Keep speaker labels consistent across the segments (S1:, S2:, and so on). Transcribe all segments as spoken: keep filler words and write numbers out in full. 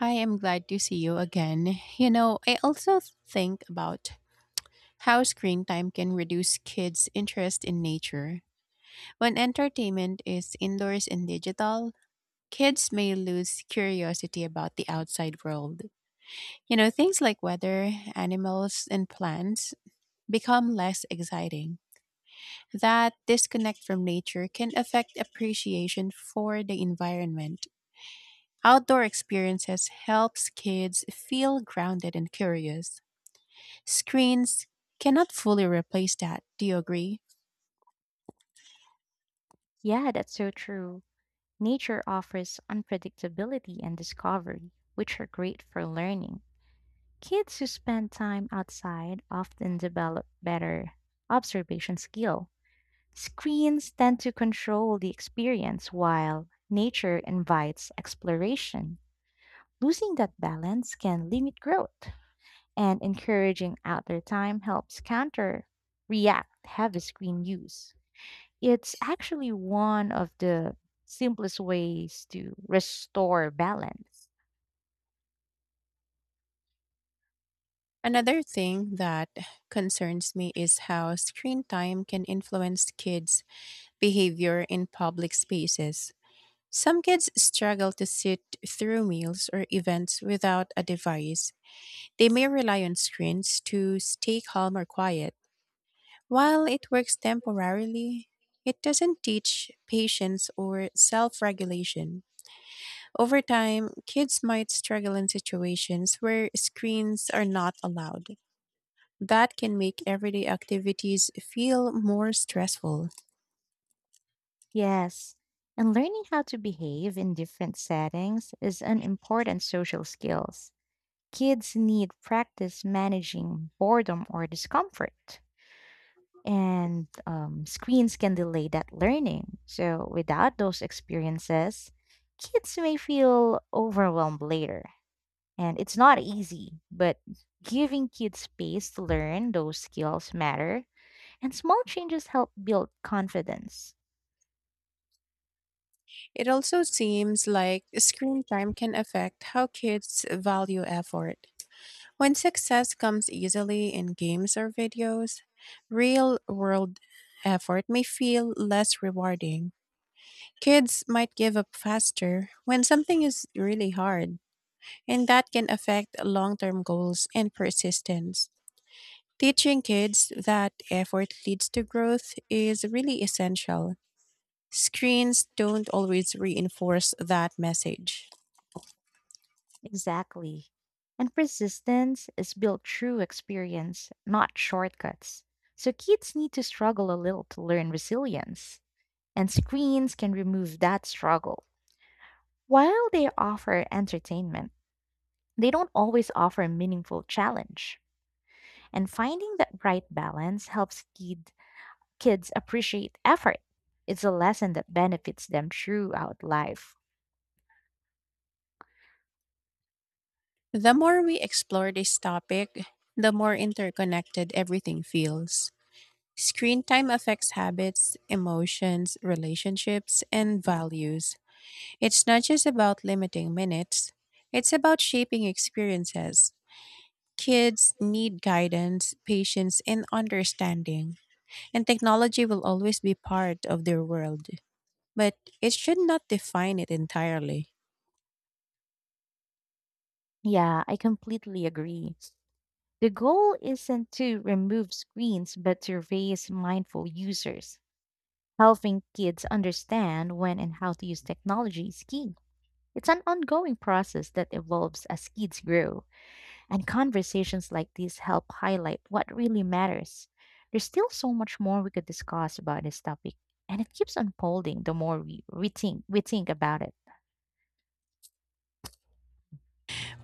S1: Hi, I'm glad to see you again. You know, I also think about how screen time can reduce kids' interest in nature. When entertainment is indoors and digital, kids may lose curiosity about the outside world. You know, things like weather, animals, and plants become less exciting. That disconnect from nature can affect appreciation for the environment. Outdoor experiences helps kids feel grounded and curious. Screens cannot fully replace that. Do you agree?
S2: Yeah, that's so true. Nature offers unpredictability and discovery, which are great for learning. Kids who spend time outside often develop better observation skill. Screens tend to control the experience while nature invites exploration. Losing that balance can limit growth, and encouraging outdoor time helps counter react heavy screen use. It's actually one of the simplest ways to restore balance.
S1: Another thing that concerns me is how screen time can influence kids' behavior in public spaces. Some kids struggle to sit through meals or events without a device. They may rely on screens to stay calm or quiet. While it works temporarily, it doesn't teach patience or self regulation. Over time, kids might struggle in situations where screens are not allowed. That can make everyday activities feel more stressful.
S2: Yes, and learning how to behave in different settings is an important social skills. Kids need practice managing boredom or discomfort. And um, screens can delay that learning. So, without those experiences, kids may feel overwhelmed later. And it's not easy, but giving kids space to learn those skills matter, and small changes help build confidence.
S1: It also seems like screen time can affect how kids value effort. When success comes easily in games or videos, real world effort may feel less rewarding. Kids might give up faster when something is really hard, and that can affect long term goals and persistence. Teaching kids that effort leads to growth is really essential. Screens don't always reinforce that message.
S2: Exactly. And persistence is built through experience, not shortcuts. So kids need to struggle a little to learn resilience, and screens can remove that struggle. While they offer entertainment, they don't always offer a meaningful challenge. And finding that right balance helps kids kids appreciate effort. It's a lesson that benefits them throughout life.
S1: The more we explore this topic, the more interconnected everything feels. Screen time affects habits, emotions, relationships, and values. It's not just about limiting minutes, it's about shaping experiences. Kids need guidance, patience, and understanding, and technology will always be part of their world. But it should not define it entirely.
S2: Yeah, I completely agree. The goal isn't to remove screens, but to raise mindful users. Helping kids understand when and how to use technology is key. It's an ongoing process that evolves as kids grow, and conversations like these help highlight what really matters. There's still so much more we could discuss about this topic, and it keeps unfolding the more we, we think we think about it.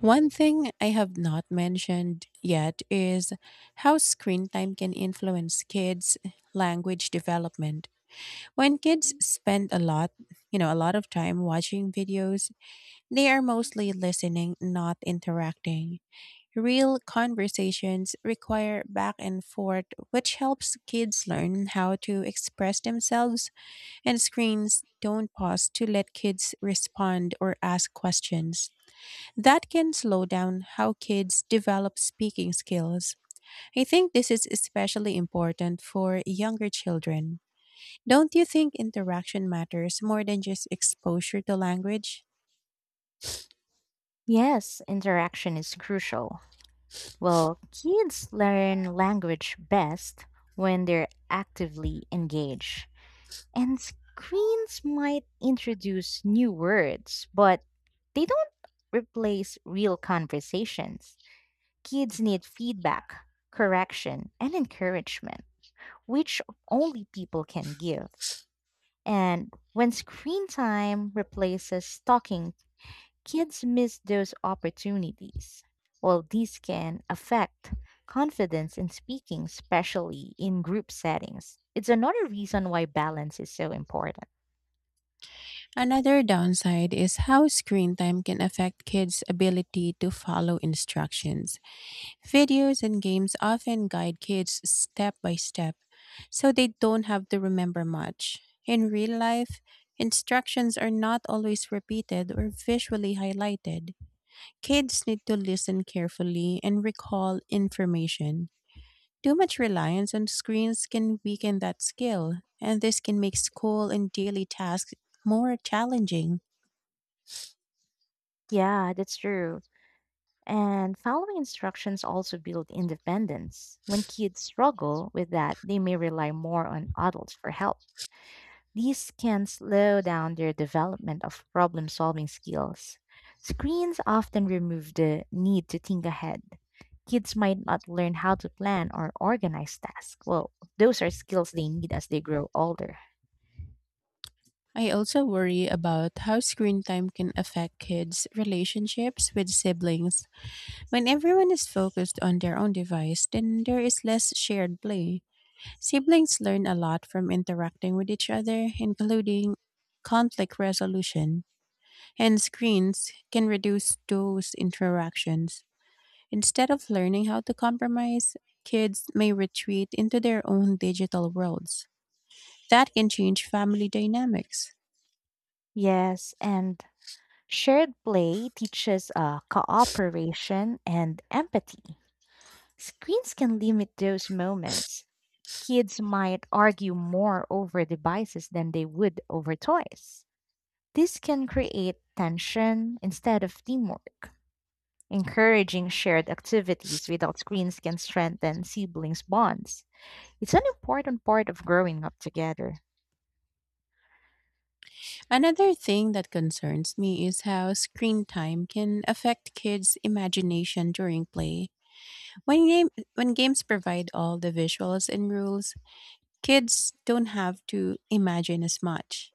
S1: One thing I have not mentioned yet is how screen time can influence kids' language development. When kids spend a lot, you know, a lot of time watching videos, they are mostly listening, not interacting. Real conversations require back and forth, which helps kids learn how to express themselves, and screens don't pause to let kids respond or ask questions. That can slow down how kids develop speaking skills. I think this is especially important for younger children. Don't you think interaction matters more than just exposure to language?
S2: Yes, interaction is crucial. Well, kids learn language best when they're actively engaged. And screens might introduce new words, but they don't replace real conversations. Kids need feedback, correction, and encouragement, which only people can give. And when screen time replaces talking, kids miss those opportunities. Well, these can affect confidence in speaking, especially in group settings. It's another reason why balance is so important.
S1: Another downside is how screen time can affect kids' ability to follow instructions. Videos and games often guide kids step by step, so they don't have to remember much. In real life, instructions are not always repeated or visually highlighted. Kids need to listen carefully and recall information. Too much reliance on screens can weaken that skill, and this can make school and daily tasks more challenging.
S2: Yeah, that's true. And following instructions also build independence. When kids struggle with that, they may rely more on adults for help. These can slow down their development of problem solving skills. Screens often remove the need to think ahead. Kids might not learn how to plan or organize tasks. Well, those are skills they need as they grow older.
S1: I also worry about how screen time can affect kids' relationships with siblings. When everyone is focused on their own device, then there is less shared play. Siblings learn a lot from interacting with each other, including conflict resolution, and screens can reduce those interactions. Instead of learning how to compromise, kids may retreat into their own digital worlds. That can change family dynamics.
S2: Yes, and shared play teaches uh, cooperation and empathy. Screens can limit those moments. Kids might argue more over devices than they would over toys. This can create tension instead of teamwork. Encouraging shared activities without screens can strengthen siblings' bonds. It's an important part of growing up together.
S1: Another thing that concerns me is how screen time can affect kids' imagination during play. When, game, when games provide all the visuals and rules, kids don't have to imagine as much.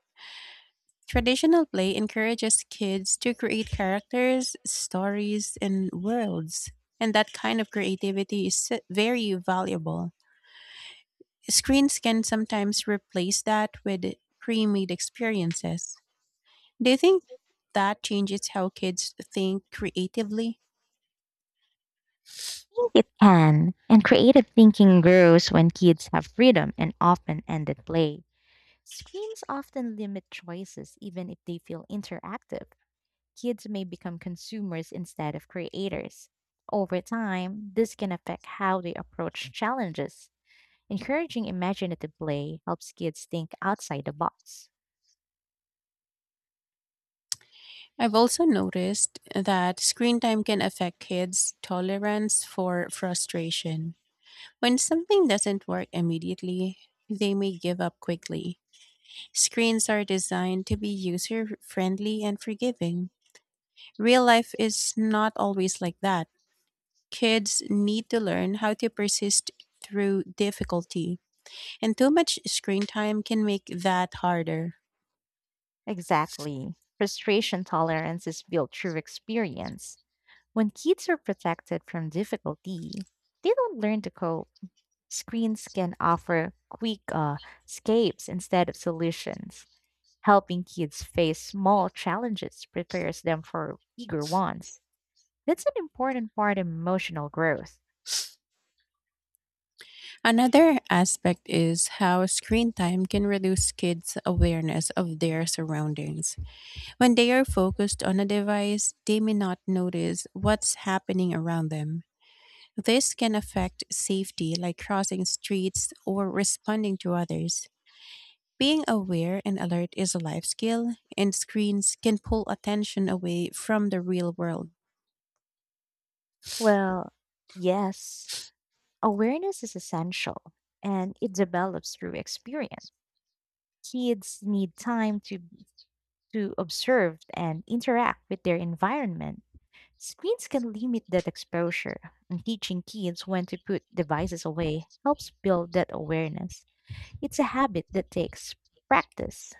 S1: Traditional play encourages kids to create characters, stories, and worlds, and that kind of creativity is s- very valuable. Screens can sometimes replace that with pre made experiences. Do you think that changes how kids think creatively?
S2: I think it can, and creative thinking grows when kids have freedom and often ended play. Screens often limit choices, even if they feel interactive. Kids may become consumers instead of creators. Over time, this can affect how they approach challenges. Encouraging imaginative play helps kids think outside the box.
S1: I've also noticed that screen time can affect kids' tolerance for frustration. When something doesn't work immediately, they may give up quickly. Screens are designed to be user friendly and forgiving. Real life is not always like that. Kids need to learn how to persist through difficulty, and too much screen time can make that harder.
S2: Exactly. Frustration tolerance is built through experience. When kids are protected from difficulty, they don't learn to cope. Screens can offer quick uh, escapes instead of solutions. Helping kids face small challenges prepares them for bigger ones. That's an important part of emotional growth.
S1: Another aspect is how screen time can reduce kids' awareness of their surroundings. When they are focused on a device, they may not notice what's happening around them. This can affect safety, like crossing streets or responding to others. Being aware and alert is a life skill, and screens can pull attention away from the real world.
S2: Well, yes, awareness is essential and it develops through experience. Kids need time to, to observe and interact with their environment. Screens can limit that exposure, and teaching kids when to put devices away helps build that awareness. It's a habit that takes practice.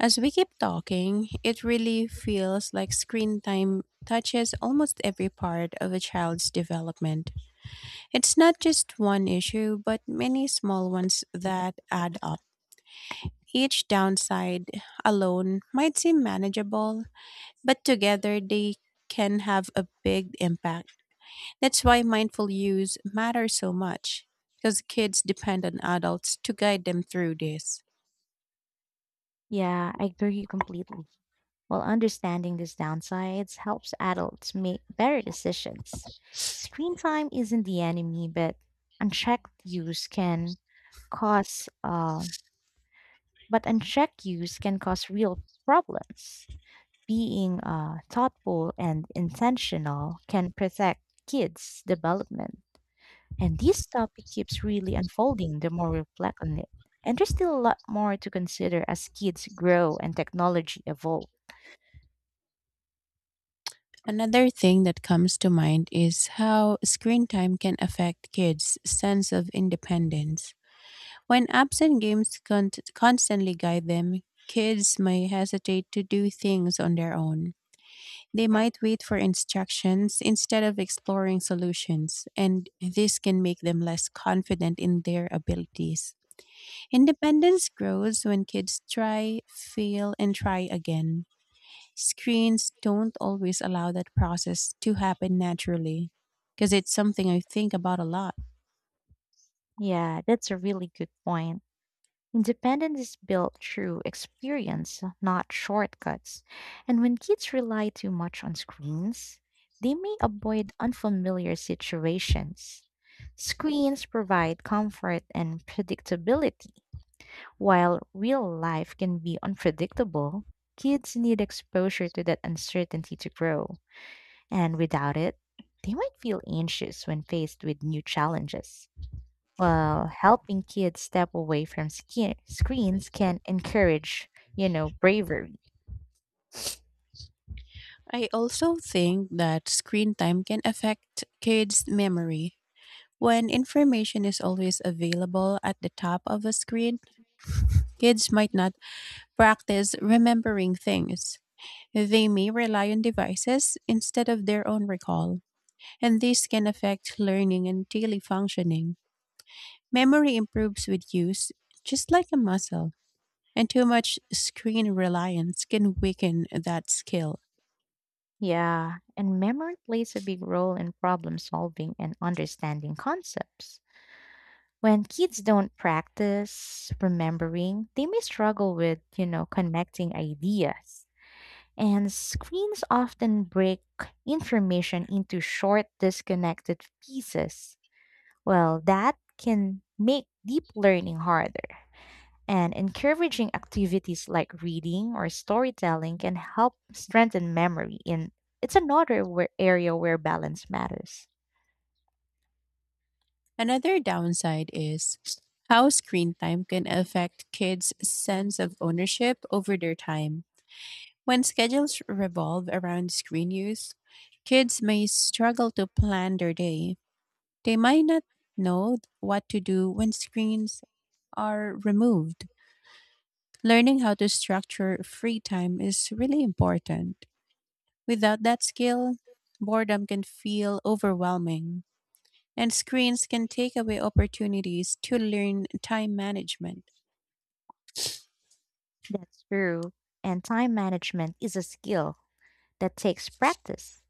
S1: As we keep talking, it really feels like screen time touches almost every part of a child's development. It's not just one issue, but many small ones that add up. Each downside alone might seem manageable, but together they can have a big impact. That's why mindful use matters so much, because kids depend on adults to guide them through this.
S2: Yeah, I agree completely. While understanding these downsides helps adults make better decisions. Screen time isn't the enemy, but unchecked use can cause uh, but unchecked use can cause real problems. Being uh, thoughtful and intentional can protect kids' development. And this topic keeps really unfolding the more we reflect on it. And there's still a lot more to consider as kids grow and technology evolve.
S1: Another thing that comes to mind is how screen time can affect kids' sense of independence. When apps and games con- constantly guide them, kids may hesitate to do things on their own. They might wait for instructions instead of exploring solutions, and this can make them less confident in their abilities. Independence grows when kids try, fail, and try again. Screens don't always allow that process to happen naturally because it's something I think about a lot.
S2: Yeah, that's a really good point. Independence is built through experience, not shortcuts. And when kids rely too much on screens, they may avoid unfamiliar situations. Screens provide comfort and predictability. While real life can be unpredictable, kids need exposure to that uncertainty to grow. And without it, they might feel anxious when faced with new challenges. While helping kids step away from ski- screens can encourage, you know, bravery.
S1: I also think that screen time can affect kids' memory. When information is always available at the top of a screen, kids might not practice remembering things. They may rely on devices instead of their own recall, and this can affect learning and daily functioning. Memory improves with use, just like a muscle, and too much screen reliance can weaken that skill.
S2: Yeah, and memory plays a big role in problem solving and understanding concepts. When kids don't practice remembering, they may struggle with, you know, connecting ideas. And screens often break information into short, disconnected pieces. Well, that can make deep learning harder. And encouraging activities like reading or storytelling can help strengthen memory. And it's another where area where balance matters.
S1: Another downside is how screen time can affect kids' sense of ownership over their time. When schedules revolve around screen use, kids may struggle to plan their day. They might not know what to do when screens are removed. Learning how to structure free time is really important. Without that skill, boredom can feel overwhelming, and screens can take away opportunities to learn time management.
S2: That's true. And time management is a skill that takes practice.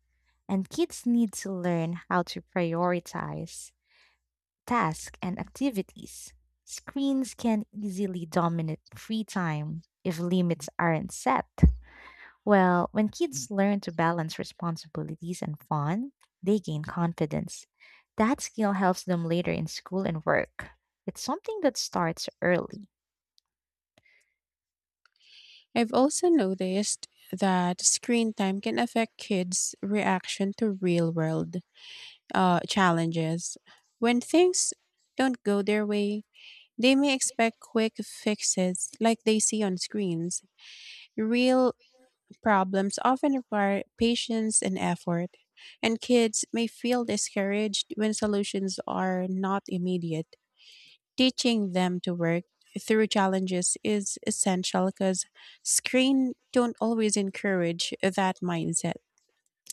S2: And kids need to learn how to prioritize tasks and activities. Screens can easily dominate free time if limits aren't set. Well, when kids learn to balance responsibilities and fun, they gain confidence. That skill helps them later in school and work. It's something that starts early.
S1: I've also noticed that screen time can affect kids' reaction to real world uh, challenges. When things don't go their way, they may expect quick fixes like they see on screens. Real problems often require patience and effort, and kids may feel discouraged when solutions are not immediate. Teaching them to work through challenges is essential because screen don't always encourage that mindset.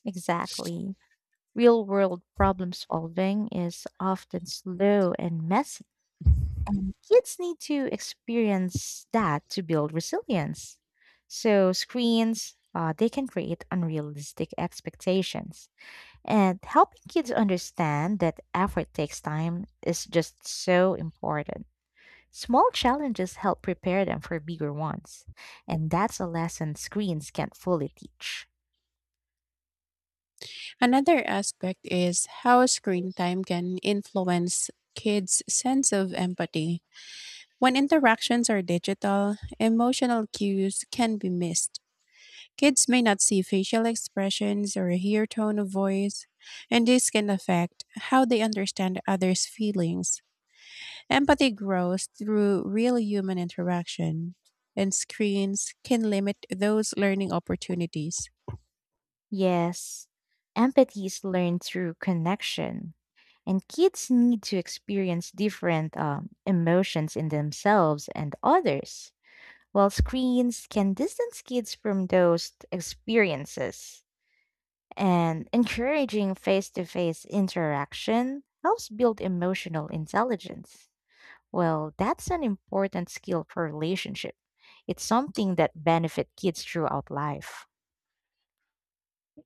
S2: Exactly. Real world problem solving is often slow and messy. And kids need to experience that to build resilience. So, screens, uh, they can create unrealistic expectations. And helping kids understand that effort takes time is just so important. Small challenges help prepare them for bigger ones. And that's a lesson screens can't fully teach.
S1: Another aspect is how screen time can influence kids' sense of empathy. When interactions are digital, emotional cues can be missed. Kids may not see facial expressions or hear tone of voice, and this can affect how they understand others' feelings. Empathy grows through real human interaction, and screens can limit those learning opportunities.
S2: Yes, empathy is learned through connection, and kids need to experience different um, emotions in themselves and others, while screens can distance kids from those experiences. And encouraging face to face interaction helps build emotional intelligence. Well, that's an important skill for relationship. It's something that benefit kids throughout life.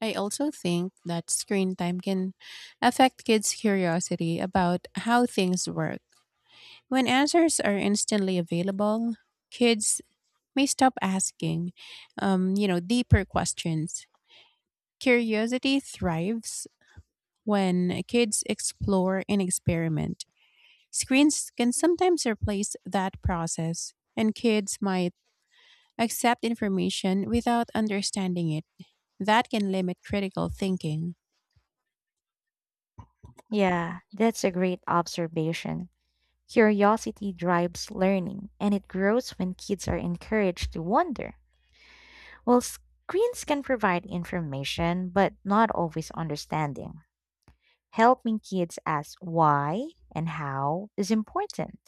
S1: I also think that screen time can affect kids' curiosity about how things work. When answers are instantly available, kids may stop asking, um, you know, deeper questions. Curiosity thrives when kids explore and experiment. Screens can sometimes replace that process, and kids might accept information without understanding it. That can limit critical thinking.
S2: Yeah, that's a great observation. Curiosity drives learning, and it grows when kids are encouraged to wonder. Well, screens can provide information, but not always understanding. Helping kids ask why and how is important.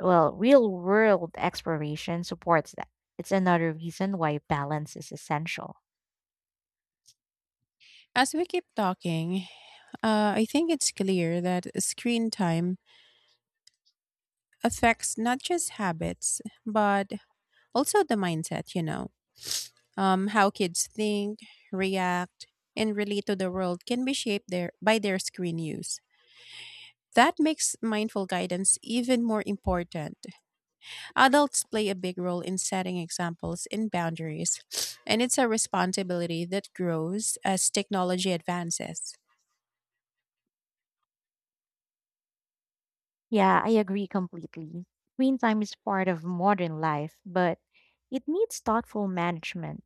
S2: Well, real world exploration supports that. It's another reason why balance is essential.
S1: As we keep talking, uh, I think it's clear that screen time affects not just habits, but also the mindset, you know. Um, how kids think, react, and relate to the world can be shaped their, by their screen use. That makes mindful guidance even more important. Adults play a big role in setting examples and boundaries, and it's a responsibility that grows as technology advances.
S2: Yeah, I agree completely. Screen time is part of modern life, but it needs thoughtful management.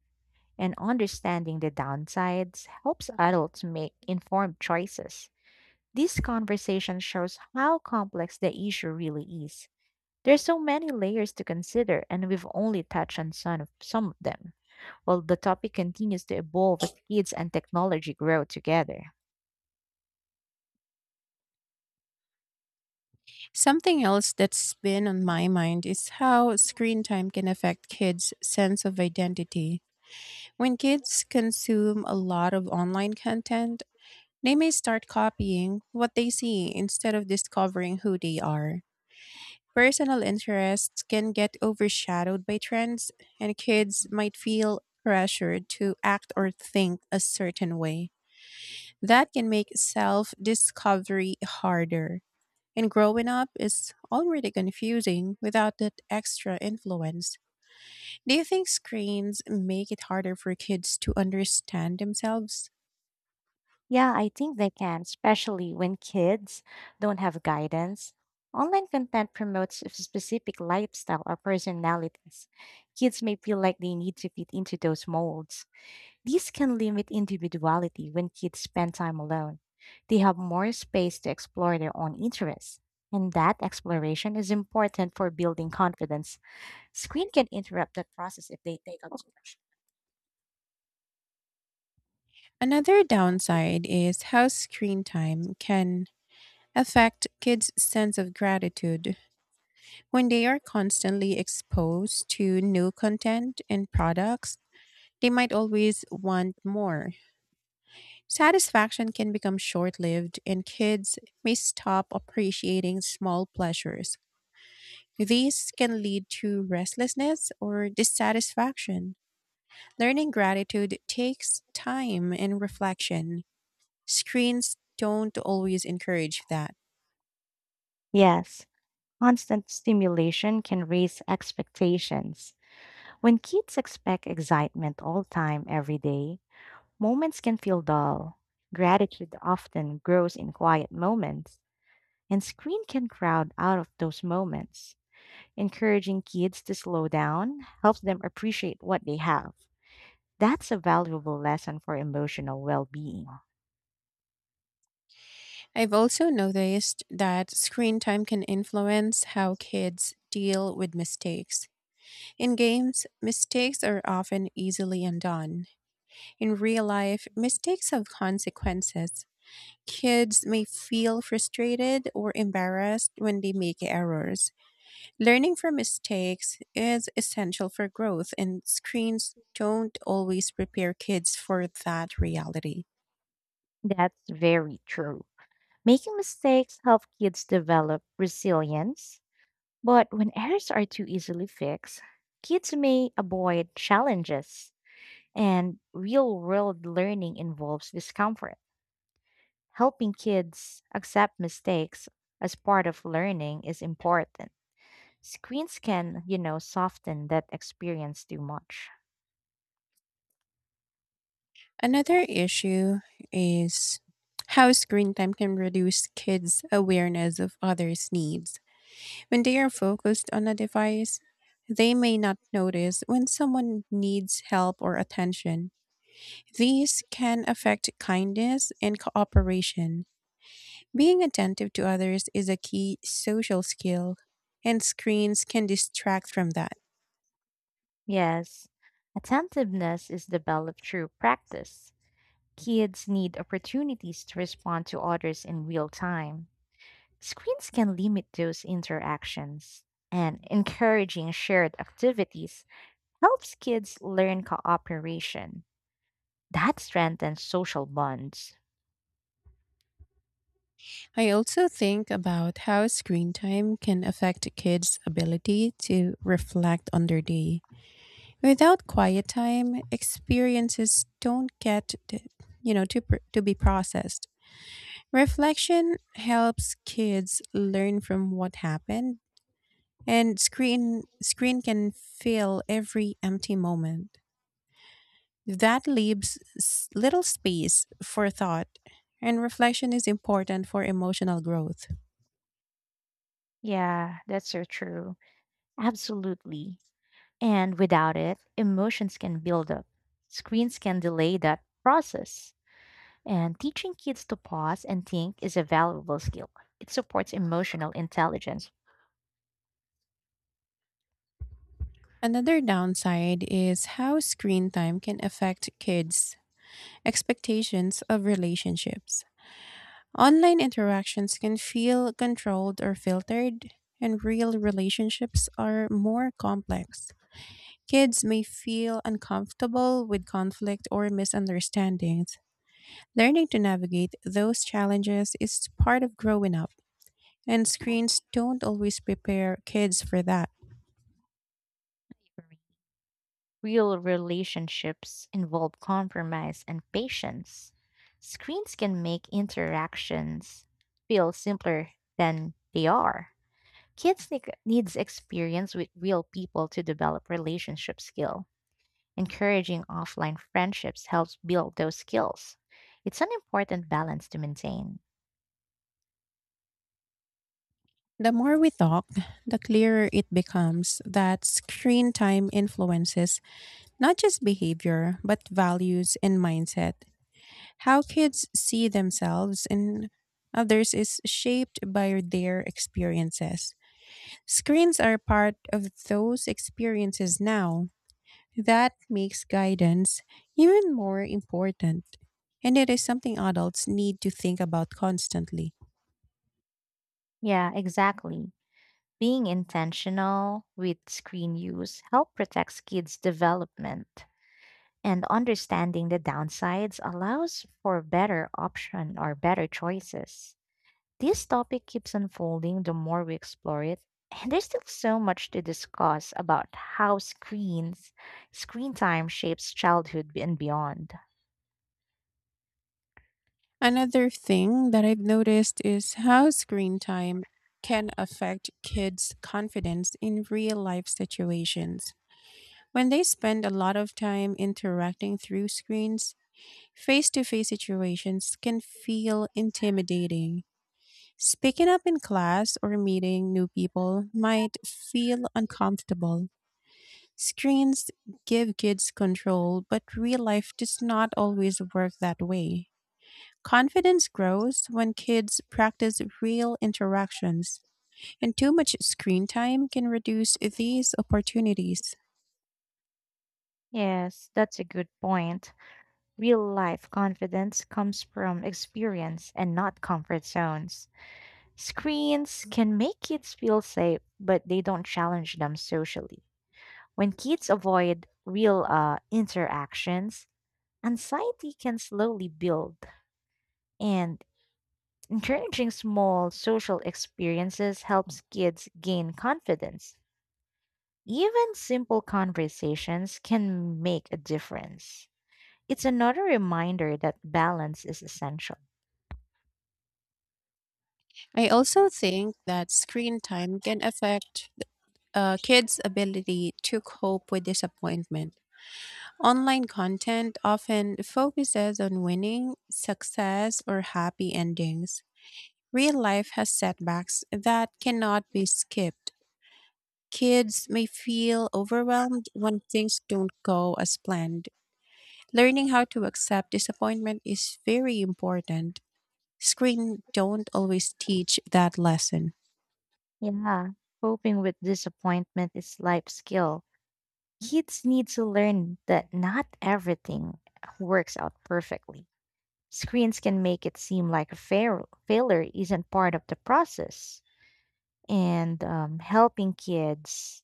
S2: And understanding the downsides helps adults make informed choices. This conversation shows how complex the issue really is. There's so many layers to consider, and we've only touched on some of, some of them. While the topic continues to evolve as kids and technology grow together.
S1: Something else that's been on my mind is how screen time can affect kids' sense of identity. When kids consume a lot of online content, they may start copying what they see instead of discovering who they are. Personal interests can get overshadowed by trends, and kids might feel pressured to act or think a certain way. That can make self discovery harder. And growing up is already confusing without that extra influence. Do you think screens make it harder for kids to understand themselves?
S2: Yeah, I think they can, especially when kids don't have guidance. Online content promotes a specific lifestyle or personalities. Kids may feel like they need to fit into those molds. These can limit individuality when kids spend time alone. They have more space to explore their own interests. And that exploration is important for building confidence. Screen can interrupt that process if they take up too much.
S1: Another downside is how screen time can affect kids' sense of gratitude. When they are constantly exposed to new content and products, they might always want more. Satisfaction can become short lived, and kids may stop appreciating small pleasures. These can lead to restlessness or dissatisfaction. Learning gratitude takes time and reflection. Screens don't always encourage that.
S2: Yes, constant stimulation can raise expectations. When kids expect excitement all time, every day, moments can feel dull. Gratitude often grows in quiet moments, and screen can crowd out of those moments. Encouraging kids to slow down helps them appreciate what they have. That's a valuable lesson for emotional well being.
S1: I've also noticed that screen time can influence how kids deal with mistakes. In games, mistakes are often easily undone. In real life, mistakes have consequences. Kids may feel frustrated or embarrassed when they make errors. Learning from mistakes is essential for growth, and screens don't always prepare kids for that reality.
S2: That's very true. Making mistakes help kids develop resilience, but when errors are too easily fixed, kids may avoid challenges. And real world learning involves discomfort. Helping kids accept mistakes as part of learning is important. Screens can, you know, soften that experience too much.
S1: Another issue is how screen time can reduce kids' awareness of others' needs. When they are focused on a device, they may not notice when someone needs help or attention. These can affect kindness and cooperation. Being attentive to others is a key social skill, and screens can distract from that.
S2: Yes, attentiveness is developed through practice. Kids need opportunities to respond to others in real time. Screens can limit those interactions, and encouraging shared activities helps kids learn cooperation. That strengthens social bonds.
S1: I also think about how screen time can affect kids' ability to reflect on their day. Without quiet time, experiences don't get to, you know to pr- to be processed. Reflection helps kids learn from what happened, and screen screen can fill every empty moment. That leaves s- little space for thought, and reflection is important for emotional growth.
S2: Yeah, that's so true. Absolutely. And without it, emotions can build up. Screens can delay that process. And teaching kids to pause and think is a valuable skill. It supports emotional intelligence.
S1: Another downside is how screen time can affect kids' expectations of relationships. Online interactions can feel controlled or filtered, and real relationships are more complex. Kids may feel uncomfortable with conflict or misunderstandings. Learning to navigate those challenges is part of growing up, and screens don't always prepare kids for that.
S2: Real relationships involve compromise and patience. Screens can make interactions feel simpler than they are. Kids need needs experience with real people to develop relationship skill. Encouraging offline friendships helps build those skills. It's an important balance to maintain.
S1: The more we talk, the clearer it becomes that screen time influences not just behavior, but values and mindset. How kids see themselves and others is shaped by their experiences. Screens are part of those experiences now, that makes guidance even more important, and it is something adults need to think about constantly.
S2: Yeah, exactly. Being intentional with screen use helps protect kids' development. And understanding the downsides allows for better option or better choices. This topic keeps unfolding the more we explore it, and there's still so much to discuss about how screens, screen time shapes childhood and beyond.
S1: Another thing that I've noticed is how screen time can affect kids' confidence in real life situations. When they spend a lot of time interacting through screens, face to face situations can feel intimidating. Speaking up in class or meeting new people might feel uncomfortable. Screens give kids control, but real life does not always work that way. Confidence grows when kids practice real interactions, and too much screen time can reduce these opportunities.
S2: Yes, that's a good point. Real life confidence comes from experience and not comfort zones. Screens can make kids feel safe, but they don't challenge them socially. When kids avoid real uh, interactions, anxiety can slowly build, and encouraging small social experiences helps kids gain confidence. Even simple conversations can make a difference. It's another reminder that balance is essential.
S1: I also think that screen time can affect uh, kids' ability to cope with disappointment. Online content often focuses on winning, success, or happy endings. Real life has setbacks that cannot be skipped. Kids may feel overwhelmed when things don't go as planned. Learning how to accept disappointment is very important. Screen don't always teach that lesson.
S2: Yeah, coping with disappointment is life skill. Kids need to learn that not everything works out perfectly. Screens can make it seem like a fail- failure isn't part of the process. And um, helping kids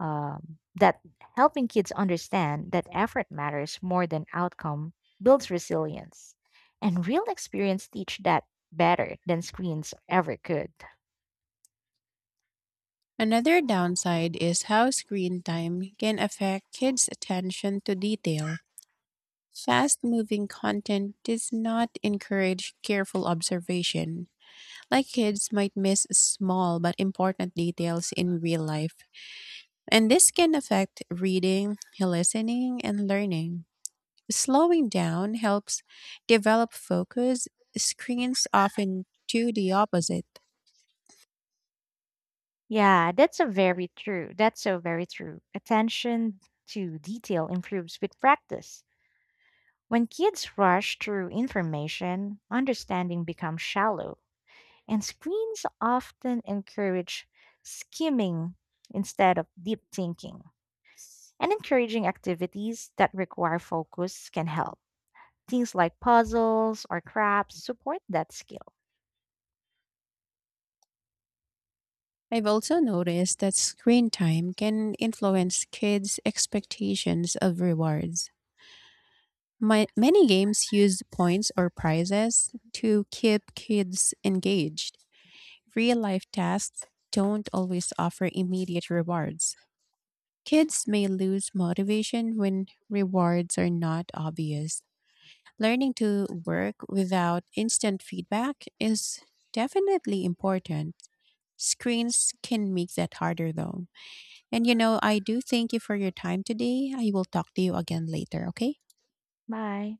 S2: um, that Helping kids understand that effort matters more than outcome builds resilience. And real experience teach that better than screens ever could.
S1: Another downside is how screen time can affect kids' attention to detail. Fast moving content does not encourage careful observation. Like kids might miss small but important details in real life. And this can affect reading, listening, and learning. Slowing down helps develop focus. Screens often do the opposite.
S2: Yeah, that's a very true. That's so very true. Attention to detail improves with practice. When kids rush through information, understanding becomes shallow, and screens often encourage skimming instead of deep thinking. And encouraging activities that require focus can help. Things like puzzles or crafts support that skill.
S1: I've also noticed that screen time can influence kids' expectations of rewards. My, many games use points or prizes to keep kids engaged. Real life tasks don't always offer immediate rewards. Kids may lose motivation when rewards are not obvious. Learning to work without instant feedback is definitely important. Screens can make that harder though. And you know, I do thank you for your time today. I will talk to you again later, okay?
S2: Bye.